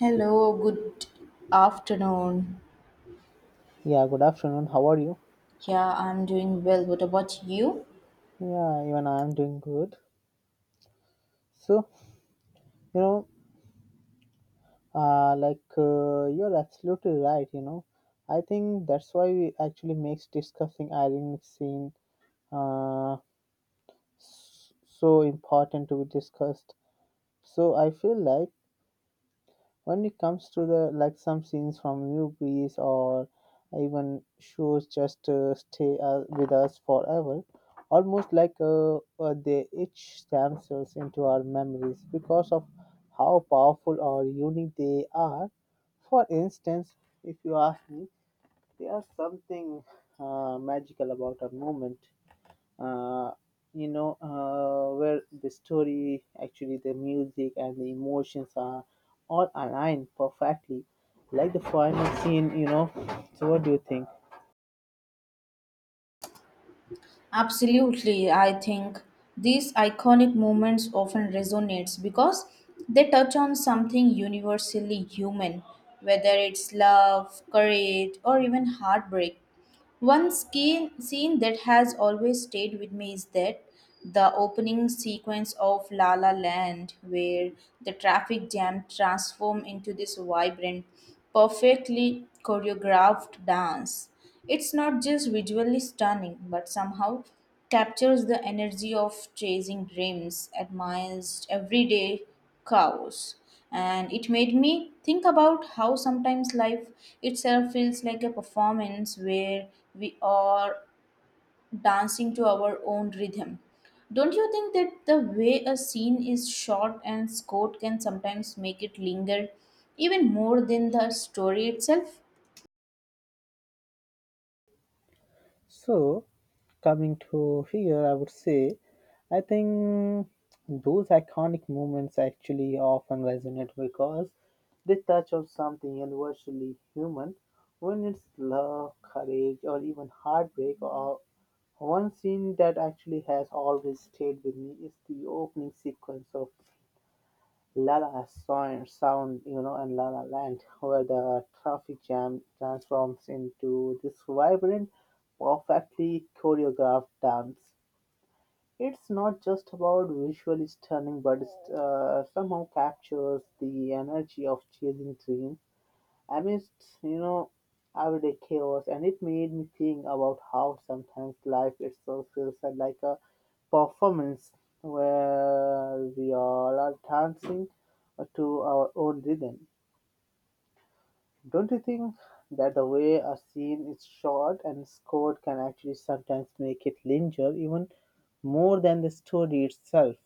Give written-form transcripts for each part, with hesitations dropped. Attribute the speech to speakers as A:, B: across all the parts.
A: Hello, good afternoon.
B: Yeah, good afternoon. How are you?
A: Yeah, I'm doing well. What about you?
B: Yeah, even I'm doing good. So, you know, like you're absolutely right. I think that's why we actually makes discussing ironic scene uh, so important to be discussed. So I feel like when it comes to the like some scenes from movies or even shows just stay with us forever almost like they etch themselves into our memories because of how powerful or unique they are. For instance, if you ask me, there's something magical about a moment, uh, where the story, actually the music and the emotions are all aligned perfectly, like the final scene. So what do you think?
A: Absolutely. I think these iconic moments often resonates because they touch on something universally human, whether it's love, courage, or even heartbreak. One scene that has always stayed with me is that the opening sequence of La La Land, where the traffic jam transforms into this vibrant, perfectly choreographed dance. It's not just visually stunning, but somehow captures the energy of chasing dreams amidst everyday chaos, and it made me think about how sometimes life itself feels like a performance where we are dancing to our own rhythm. Don't you think that the way a scene is shot and scored can sometimes make it linger even more than the story itself?
B: So coming to here, I would say I think those iconic moments actually often resonate because they touch on something universally human, when it's love, courage, or even heartbreak. Or one scene that actually has always stayed with me is the opening sequence of Sound, you know, and La La Land, where the traffic jam transforms into this vibrant, perfectly choreographed dance. It's not just about visually stunning, but it somehow captures the energy of chasing dreams amidst, you know, everyday chaos, and it made me think about how sometimes life itself feels like a performance where we all are dancing to our own rhythm. Don't you think that the way a scene is shot and scored can actually sometimes make it linger even more than the story itself?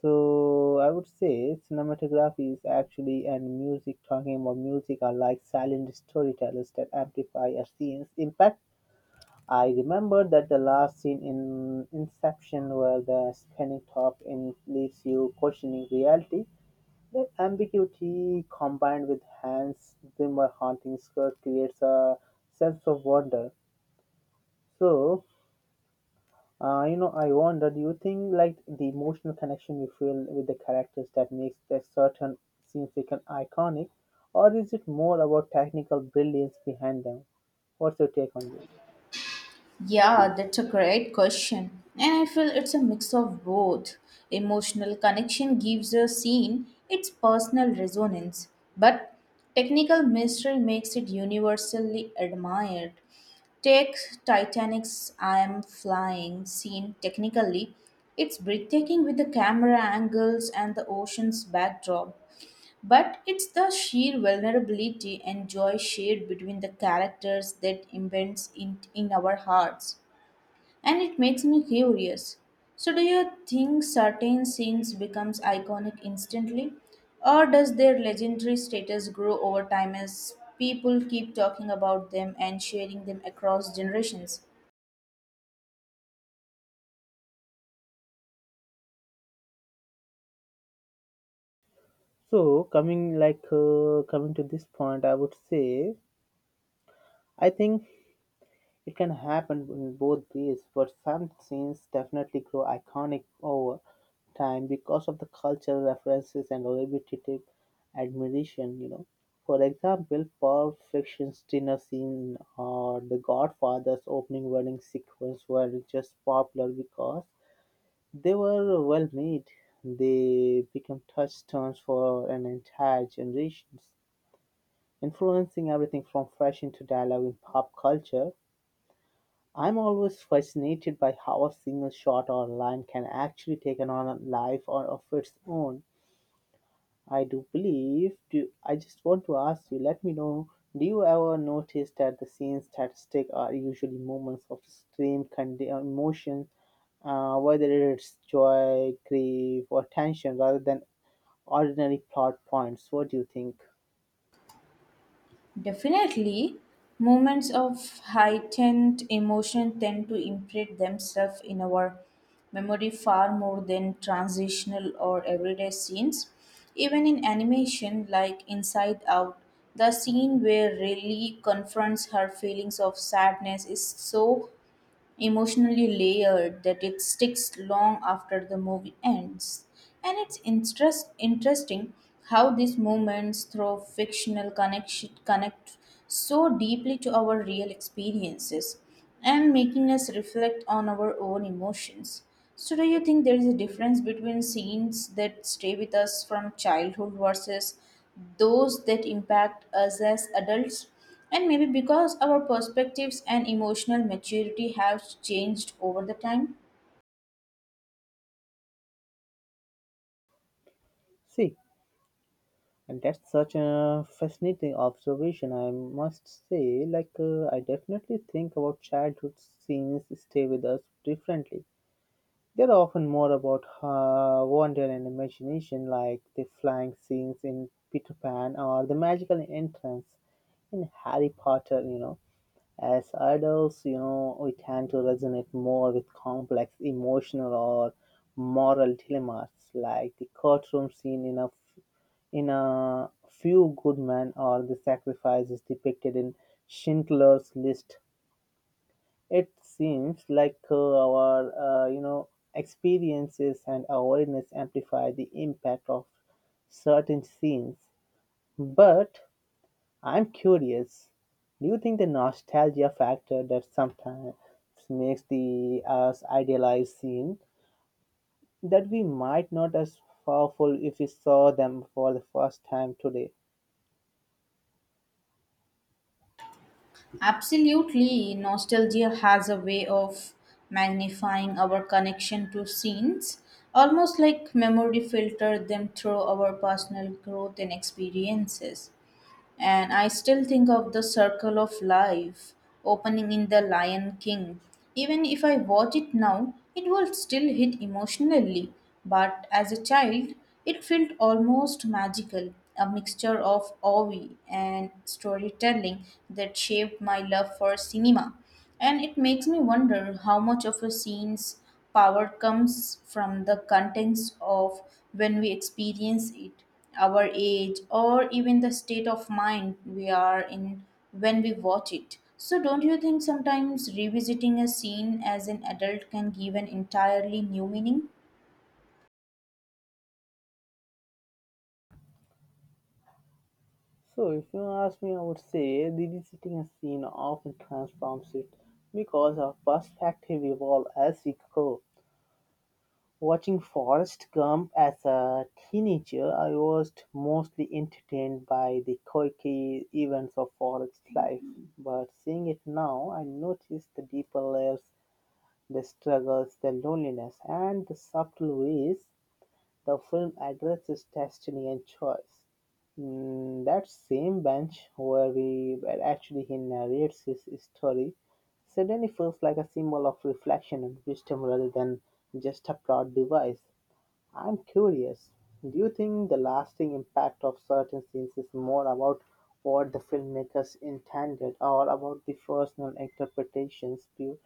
B: So I would say cinematography is actually, and music, talking about music, are like silent storytellers that amplify a scene's impact. I remember that the last scene in Inception, where the spinning top in leaves you questioning reality. That ambiguity combined with Hans Zimmer haunting score creates a sense of wonder. So I wonder, do you think like the emotional connection you feel with the characters that makes a certain scenes become iconic, or is it more about technical brilliance behind them? What's your take on this?
A: Yeah, that's a great question. And I feel it's a mix of both. Emotional connection gives a scene its personal resonance, but technical mystery makes it universally admired. Take Titanic's I Am Flying scene technically. It's breathtaking with the camera angles and the ocean's backdrop. But it's the sheer vulnerability and joy shared between the characters that embeds in our hearts. And it makes me curious. So do you think certain scenes becomes iconic instantly? Or does their legendary status grow over time as people keep talking about them and sharing them across generations?
B: So coming to this point, I would say I think it can happen in both ways, but some scenes definitely grow iconic over time because of the cultural references and repetitive admiration, you know. For example, Pulp Fiction's dinner scene or The Godfather's opening wedding sequence were just popular because they were well made. They became touchstones for an entire generation, influencing everything from fashion to dialogue in pop culture. I'm always fascinated by how a single shot or line can actually take on a life or of its own. I do believe. Do I just want to ask you? Let me know. Do you ever notice that the scenes that stick are usually moments of extreme kind emotion, whether it's joy, grief, or tension, rather than ordinary plot points? What do you think?
A: Definitely, moments of heightened emotion tend to imprint themselves in our memory far more than transitional or everyday scenes. Even in animation like Inside Out, the scene where Riley confronts her feelings of sadness is so emotionally layered that it sticks long after the movie ends. And it's interesting how these moments through fictional connection connect so deeply to our real experiences and making us reflect on our own emotions. So, do you think there is a difference between scenes that stay with us from childhood versus those that impact us as adults? And maybe because our perspectives and emotional maturity have changed over the time.
B: See, and that's such a fascinating observation, I must say. Like, I definitely think about childhood scenes stay with us differently. They're often more about wonder and imagination, like the flying scenes in Peter Pan or the magical entrance in Harry Potter, you know. As adults, you know, we tend to resonate more with complex emotional or moral dilemmas, like the courtroom scene in a few good men, or the sacrifice is depicted in Schindler's List. It seems like our experiences and awareness amplify the impact of certain scenes. But I'm curious. Do you think the nostalgia factor that sometimes makes the us idealized scene that we might not as powerful if we saw them for the first time today?
A: Absolutely, nostalgia has a way of magnifying our connection to scenes, almost like memory filtered them through our personal growth and experiences. And I still think of the circle of life opening in The Lion King. Even if I watch it now, it will still hit emotionally. But as a child, it felt almost magical, a mixture of awe and storytelling that shaped my love for cinema. And it makes me wonder how much of a scene's power comes from the contents of when we experience it, our age, or even the state of mind we are in when we watch it. So, don't you think sometimes revisiting a scene as an adult can give an entirely new meaning?
B: So, if you ask me, I would say revisiting a scene often transforms it because our perspective evolves as we grow. Watching Forrest Gump as a teenager, I was mostly entertained by the quirky events of Forrest's life. But seeing it now, I notice the deeper layers, the struggles, the loneliness, and the subtle ways the film addresses destiny and choice. That same bench where, we, where actually he narrates his story suddenly feels like a symbol of reflection and wisdom rather than just a plot device. I'm curious, do you think the lasting impact of certain scenes is more about what the filmmakers intended or about the personal interpretations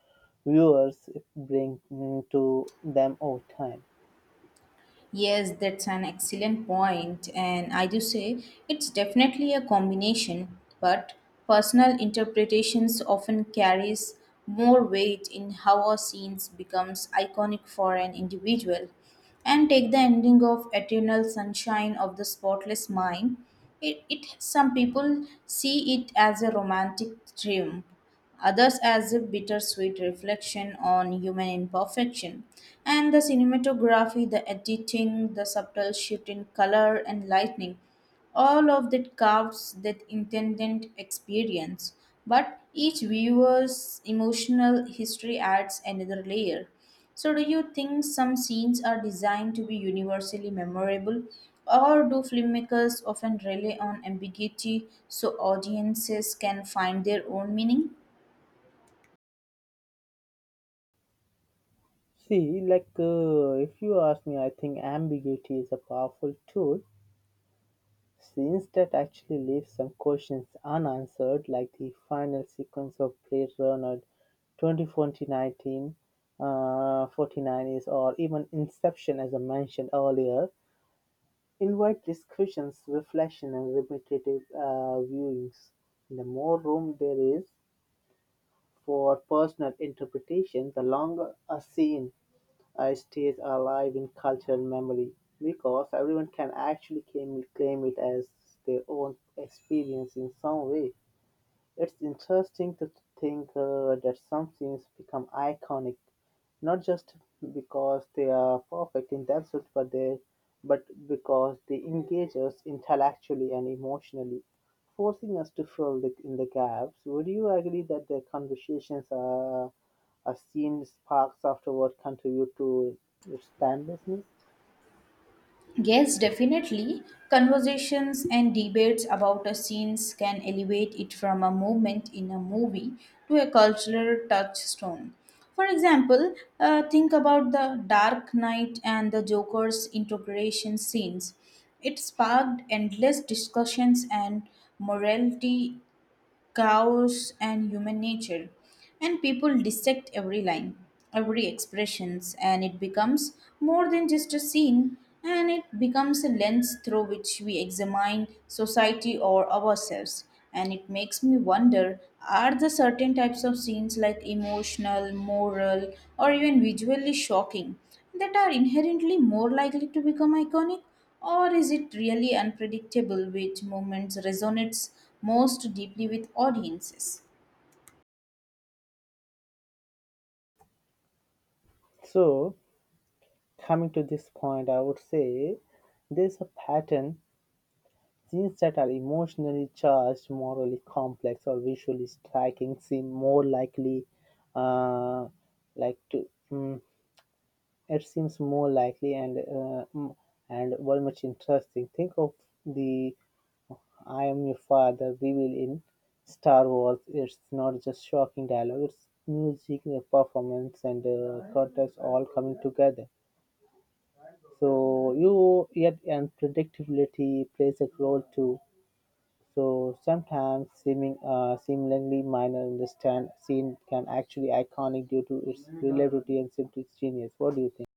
B: viewers bring to them over time?
A: Yes, that's an excellent point, and I do say it's definitely a combination, but personal interpretations often carries more weight in how a scene becomes iconic for an individual. And take the ending of Eternal Sunshine of the Spotless Mind. It, some people see it as a romantic triumph, others as a bittersweet reflection on human imperfection. And the cinematography, the editing, the subtle shift in color and lighting, all of that carves that intended experience. But each viewer's emotional history adds another layer. So, do you think some scenes are designed to be universally memorable, or do filmmakers often rely on ambiguity so audiences can find their own meaning?
B: See, like, if you ask me, I think ambiguity is a powerful tool since that actually leaves some questions unanswered, like the final sequence of Blade Runner 2049, 49 is, or even Inception, as I mentioned earlier, invite discussions, reflection, and repetitive viewings. The more room there is for personal interpretation, the longer a scene stays alive in cultural memory because everyone can actually claim it as their own experience in some way. It's interesting to think that some scenes become iconic, not just because they are perfect in themselves, but because they engage us intellectually and emotionally, forcing us to fill in the gaps. Would you agree that the conversations are a scene sparks afterward contribute to its timelessness?
A: Yes, definitely. Conversations and debates about a scene can elevate it from a moment in a movie to a cultural touchstone. For example, think about the Dark Knight and the Joker's integration scenes. It sparked endless discussions and morality, chaos, and human nature, and people dissect every line, every expressions, and it becomes more than just a scene, and it becomes a lens through which we examine society or ourselves. And it makes me wonder, are the certain types of scenes, like emotional, moral, or even visually shocking, that are inherently more likely to become iconic, or is it really unpredictable which moments resonates most deeply with audiences?
B: So, coming to this point, I would say there's a pattern. Scenes that are emotionally charged, morally complex, or visually striking seem more likely, uh, like to mm, it seems more likely and very much interesting. Think of the "I am your father" reveal in Star Wars. It's not just shocking dialogue; it's music, the performance, and context all coming together. So you yet and predictability plays a role too. So sometimes seemingly minor understand scene can actually iconic due to its relativity and simply genius. What do you think?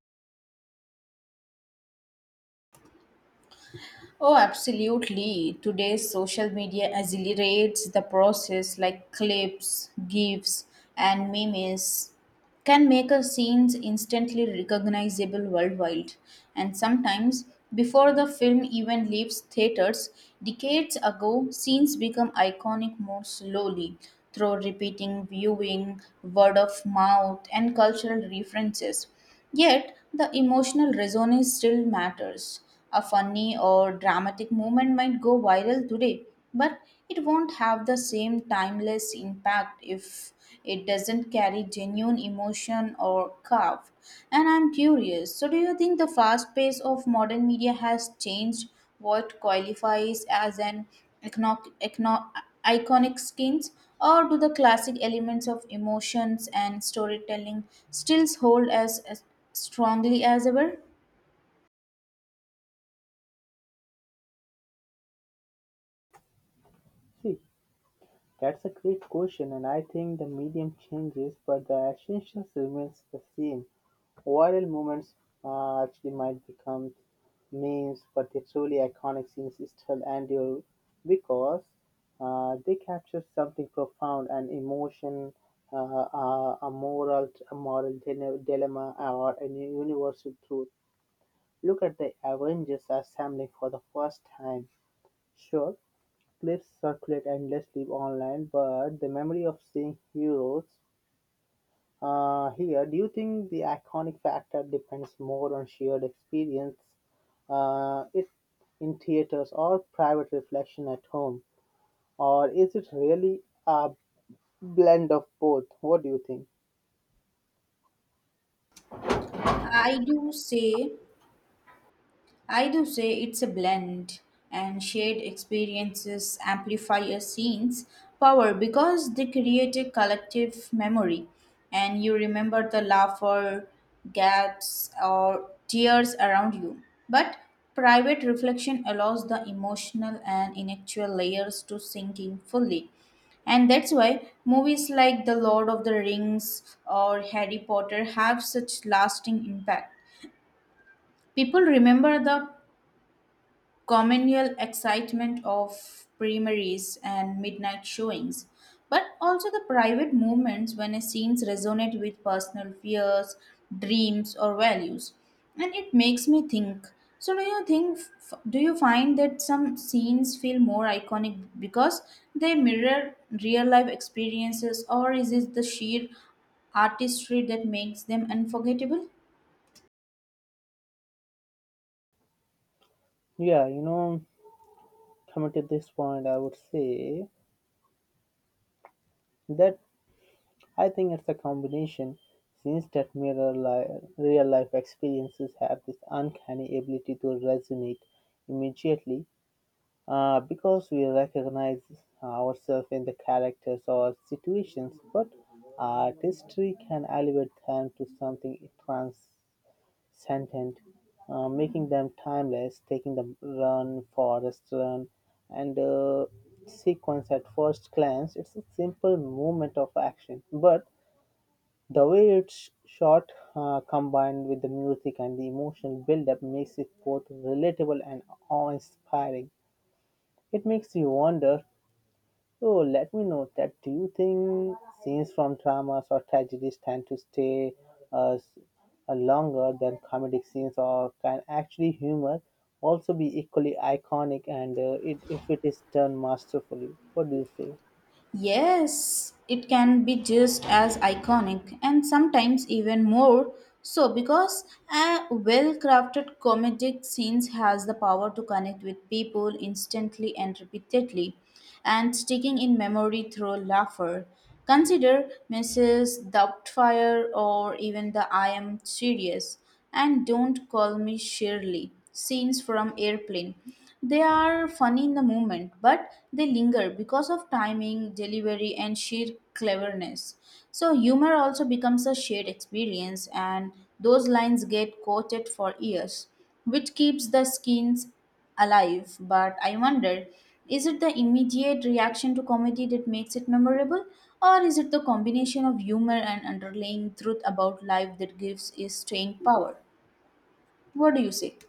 A: Oh, absolutely. Today's social media accelerates the process like clips, GIFs, and memes can make a scenes instantly recognizable worldwide, and sometimes before the film even leaves theaters. Decades ago scenes become iconic more slowly through repeating viewing, word of mouth, and cultural references. Yet the emotional resonance still matters. A funny or dramatic moment might go viral today, but it won't have the same timeless impact if it doesn't carry genuine emotion or craft. And I'm curious, so do you think the fast pace of modern media has changed what qualifies as an econo- econo- iconic skins, or do the classic elements of emotions and storytelling still hold as strongly as ever?
B: See, that's a great question, and I think the medium changes, but the essentials remains the same. Viral moments actually might become memes, but the truly iconic scenes still endure because they capture something profound, an emotion, a moral dilemma, or a universal truth. Look at the Avengers assembling for the first time. Sure, clips circulate endlessly online, but the memory of seeing heroes here, do you think the iconic factor depends more on shared experience uh, it, in theaters or private reflection at home? Or is it really a blend of both? What do you think?
A: I do say I do say it's a blend, and shared experiences amplify a scene's power because they create a collective memory, and you remember the laughter, gaps, or tears around you. But private reflection allows the emotional and intellectual layers to sink in fully. And that's why movies like The Lord of the Rings or Harry Potter have such lasting impact. People remember the communal excitement of primaries and midnight showings, but also the private moments when a scenes resonate with personal fears, dreams, or values. And it makes me think. So, do you think? Do you find that some scenes feel more iconic because they mirror real life experiences, or is it the sheer artistry that makes them unforgettable?
B: Yeah, you know, coming to this point, I would say that I think it's a combination, since that real life experiences have this uncanny ability to resonate immediately because we recognize ourselves in the characters or situations, but artistry can elevate them to something transcendent, making them timeless, taking the run, forest run, and sequence at first glance. It's a simple movement of action, but the way it's shot, combined with the music and the emotional build-up, makes it both relatable and awe-inspiring. It makes you wonder, oh, let me know that. Do you think scenes from dramas or tragedies tend to stay uh, s- longer than comedic scenes, or can actually humor also be equally iconic and it if it is done masterfully? What do you say?
A: Yes, it can be just as iconic and sometimes even more so, because a well-crafted comedic scenes has the power to connect with people instantly and repeatedly and sticking in memory through laughter. Consider Mrs. Doubtfire or even the I Am Serious and Don't Call Me Shirley scenes from Airplane. They are funny in the moment, but they linger because of timing, delivery, and sheer cleverness. So, humor also becomes a shared experience, and those lines get quoted for years, which keeps the scenes alive. But I wonder, is it the immediate reaction to comedy that makes it memorable, or is it the combination of humor and underlying truth about life that gives it staying power? What do you say?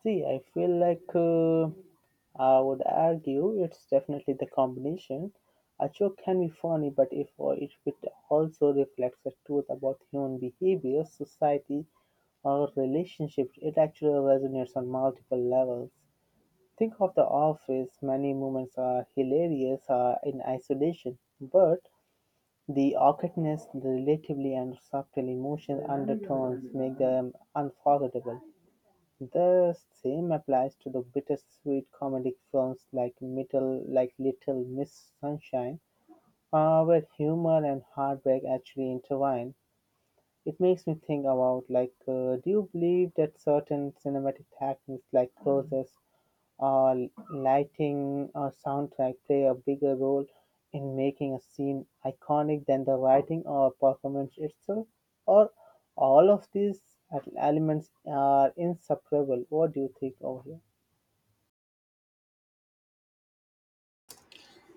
B: See, I feel like I would argue it's definitely the combination. A joke can be funny, but if it also reflects a truth about human behavior, society, or relationships, it actually resonates on multiple levels. Think of The Office. Many moments are hilarious in isolation, but the awkwardness, the relatively and subtle emotional undertones make them unforgettable. The same applies to the bittersweet comedic films like Little Miss Sunshine, where humor and heartbreak actually intertwine. It makes me think about like, do you believe that certain cinematic techniques like process or lighting or soundtrack play a bigger role in making a scene iconic than the writing or performance itself? Or all of these elements are inseparable? What do you think over here?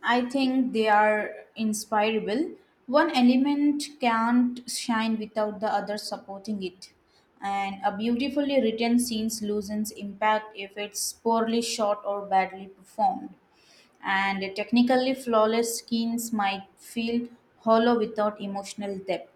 A: I think they are inspirable. One element can't shine without the other supporting it. And a beautifully written scene loses impact if it's poorly shot or badly performed. And a technically flawless scenes might feel hollow without emotional depth.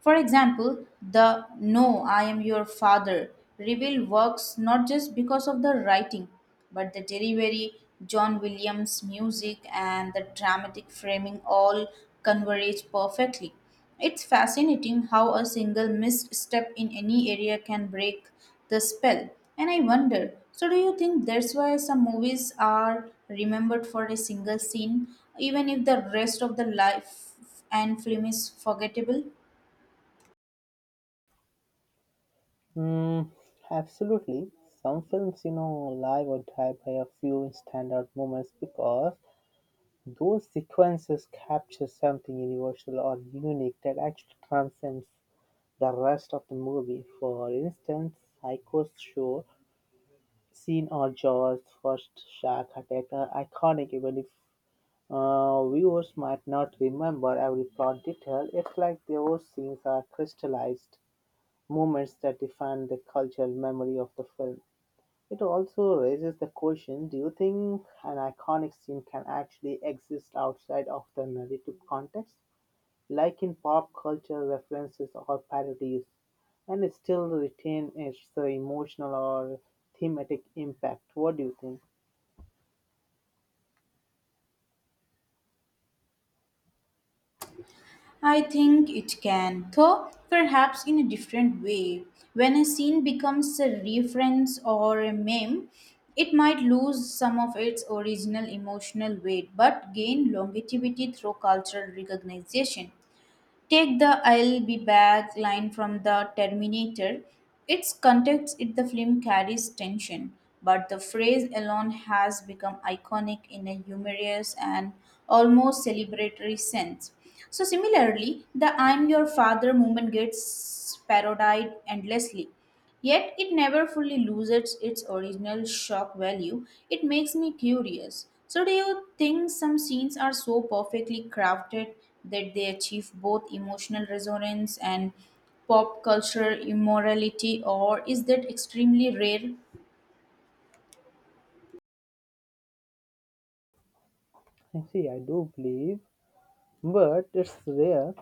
A: For example, the No, I am your father reveal works not just because of the writing, but the delivery, John Williams' music, and the dramatic framing all converge perfectly. It's fascinating how a single misstep in any area can break the spell. And I wonder, so do you think that's why some movies are remembered for a single scene, even if the rest of the life and film is forgettable?
B: Mm, Absolutely. Some films, you know, live or die by a few standout moments because those sequences capture something universal or unique that actually transcends the rest of the movie. For instance, Psycho's show scene or Jaws' first shark attack are iconic, even if viewers might not remember every plot detail. It's like those scenes are crystallized moments that define the cultural memory of the film. It also raises the question, do you think an iconic scene can actually exist outside of the narrative context, like in pop culture references or parodies, and still retain its emotional or thematic impact? What do you think?
A: I think it can, though perhaps in a different way. When a scene becomes a reference or a meme, it might lose some of its original emotional weight but gain longevity through cultural recognition. Take the I'll be back line from the Terminator. Its context in the film carries tension, but the phrase alone has become iconic in a humorous and almost celebratory sense. So, similarly, the I'm your father movement gets parodied endlessly. Yet it never fully loses its original shock value. It makes me curious. So, do you think some scenes are so perfectly crafted that they achieve both emotional resonance and pop culture immorality, or is that extremely rare?
B: I see, I do believe, but it's rare.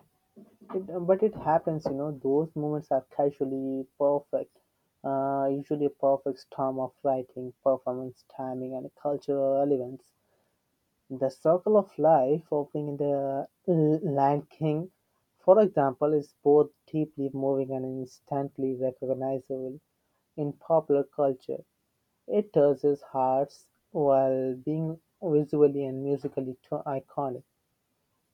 B: It, but it happens, you know, those moments are casually perfect. Usually a perfect storm of writing, performance, timing, and cultural relevance. The circle of life opening in Lion King", for example, is both deeply moving and instantly recognizable in popular culture. It touches hearts while being visually and musically too iconic.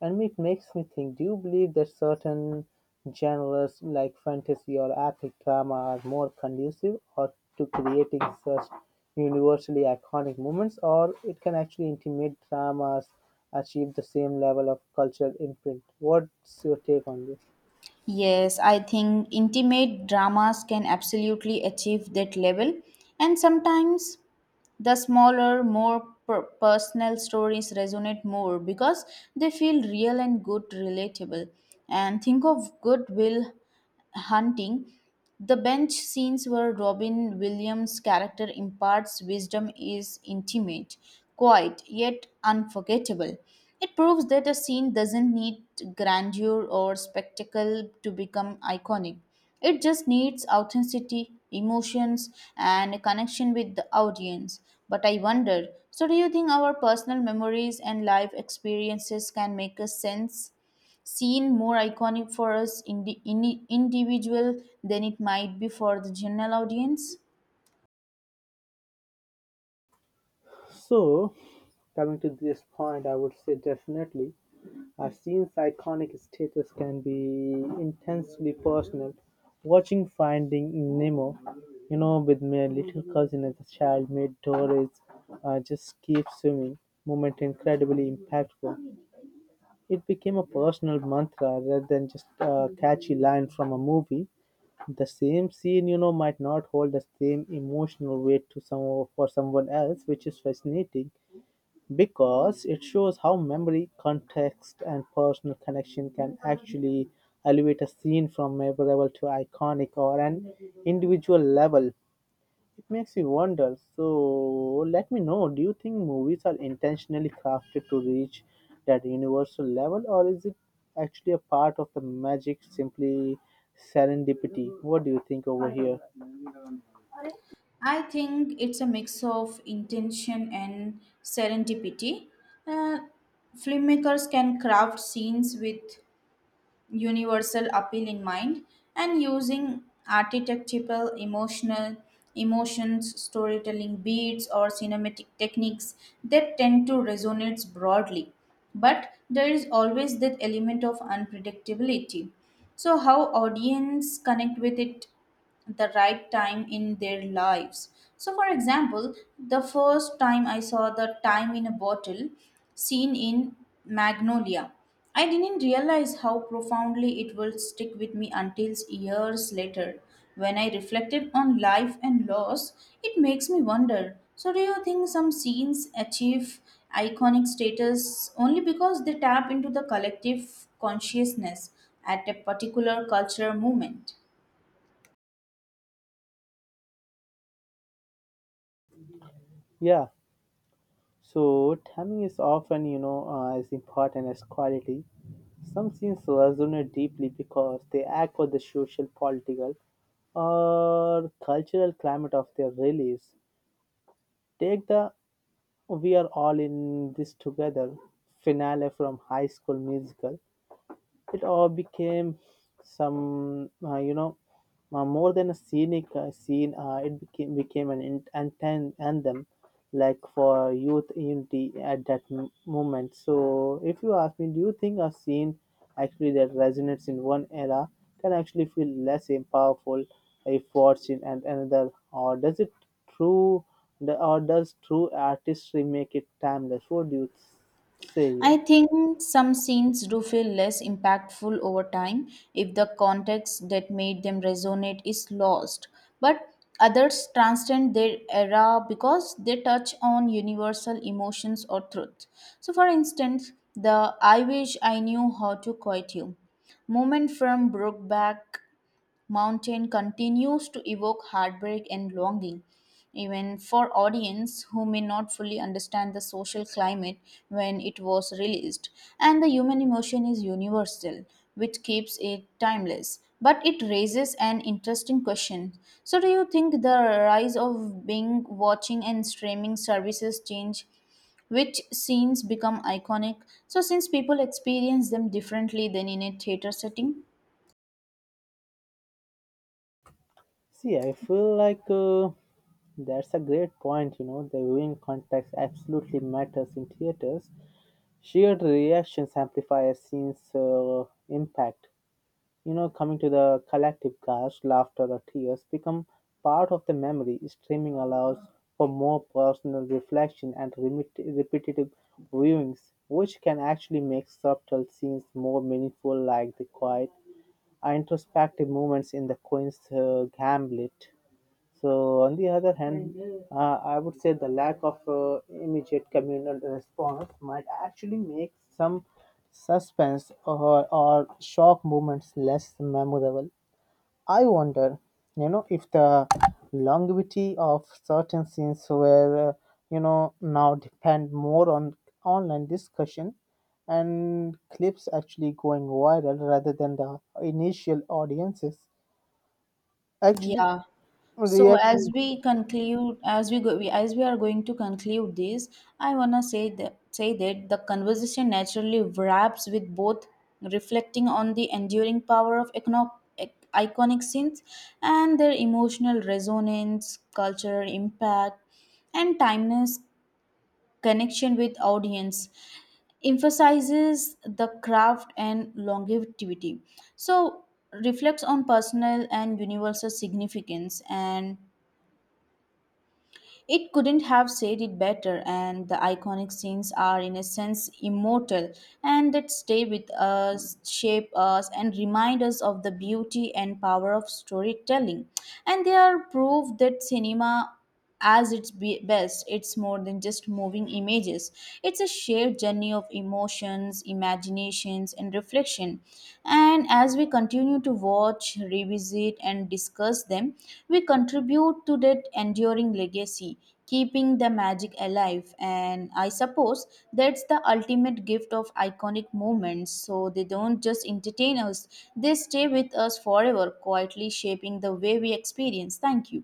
B: And it makes me think, do you believe that certain genres like fantasy or epic drama are more conducive or to creating such universally iconic moments, or it can actually intimate dramas achieve the same level of cultural imprint? What's your take on this?
A: Yes, I think intimate dramas can absolutely achieve that level, and sometimes the smaller, more personal stories resonate more because they feel real and good, relatable. And think of goodwill hunting, the bench scenes where Robin Williams' character imparts wisdom is intimate, quiet, yet unforgettable. It proves that a scene doesn't need grandeur or spectacle to become iconic. It just needs authenticity, emotions, and a connection with the audience. But I wonder, so do you think our personal memories and life experiences can make us sense seen more iconic for us in the individual than it might be for the general audience?
B: So coming to this point, I would say definitely a scene's iconic status can be intensely personal. Watching Finding Nemo, you know, with my little cousin as a child made Doris just keep swimming moment incredibly impactful. It became a personal mantra rather than just a catchy line from a movie. The same scene, you know, might not hold the same emotional weight to some for someone else, which is fascinating. Because it shows how memory, context, and personal connection can actually elevate a scene from memorable to iconic or an individual level. It makes me wonder. So, let me know, do you think movies are intentionally crafted to reach that universal level, or is it actually a part of the magic, simply serendipity? What do you think over here?
A: I think it's a mix of intention and serendipity. Uh, Filmmakers can craft scenes with universal appeal in mind and using archetypal emotional emotions storytelling beats or cinematic techniques that tend to resonate broadly, but there is always that element of unpredictability, so how audience connect with it the right time in their lives. So, for example, the first time I saw the time in a bottle scene in Magnolia, I didn't realize how profoundly it will stick with me until years later. When I reflected on life and loss, it makes me wonder. So, do you think some scenes achieve iconic status only because they tap into the collective consciousness at a particular cultural moment?
B: Yeah. So, timing is often, you know, as important as quality. Some scenes resonate deeply because they act for the social, political, or cultural climate of their release. Take the We Are All in This Together finale from High School Musical. It all became some more than a scenic scene. It became an anthem like for youth unity at that moment. So if you ask me, do you think a scene actually that resonates in one era can actually feel less powerful if watched in another, or does it true or does true artistry make it timeless? What do you say
A: I
B: here?
A: think some scenes do feel less impactful over time if the context that made them resonate is lost, but others transcend their era because they touch on universal emotions or truth. So, for instance, the I Wish I Knew How to Quit You moment from Brokeback Mountain continues to evoke heartbreak and longing, even for audience who may not fully understand the social climate when it was released. And the human emotion is universal, which keeps it timeless. But it raises an interesting question. So, do you think the rise of Bing watching and streaming services change which scenes become iconic? So, since people experience them differently than in a theater setting?
B: See, I feel like that's a great point. You know, the viewing context absolutely matters in theaters. Shared reactions amplify a scene's impact. You know, coming to the collective gasp, laughter, or tears become part of the memory. Streaming allows for more personal reflection and repetitive viewings, which can actually make subtle scenes more meaningful, like the quiet, introspective moments in the Queen's Gambit. So, on the other hand, uh, I would say the lack of immediate communal response might actually make some suspense or shock moments less memorable. I wonder, you know, if the longevity of certain scenes were, now depend more on online discussion and clips actually going viral rather than the initial audiences actually
A: Yeah, so
B: reaction
A: as we conclude, as we are going to conclude this, I wanna say that the conversation naturally wraps with both reflecting on the enduring power of iconic scenes and their emotional resonance, cultural impact, and timeless connection with audience. Emphasizes the craft and longevity. So reflects on personal and universal significance, and it couldn't have said it better, and the iconic scenes are, in a sense, immortal and that stay with us, shape us, and remind us of the beauty and power of storytelling. And they are proof that cinema as its best it's more than just moving images, it's a shared journey of emotions, imaginations, scenes, and reflection. And as we continue to watch, revisit, and discuss them, we contribute to that enduring legacy, keeping the magic alive. And I suppose that's the ultimate gift of iconic moments. So they don't just entertain us, they stay with us forever, quietly shaping the way we experience. Thank you.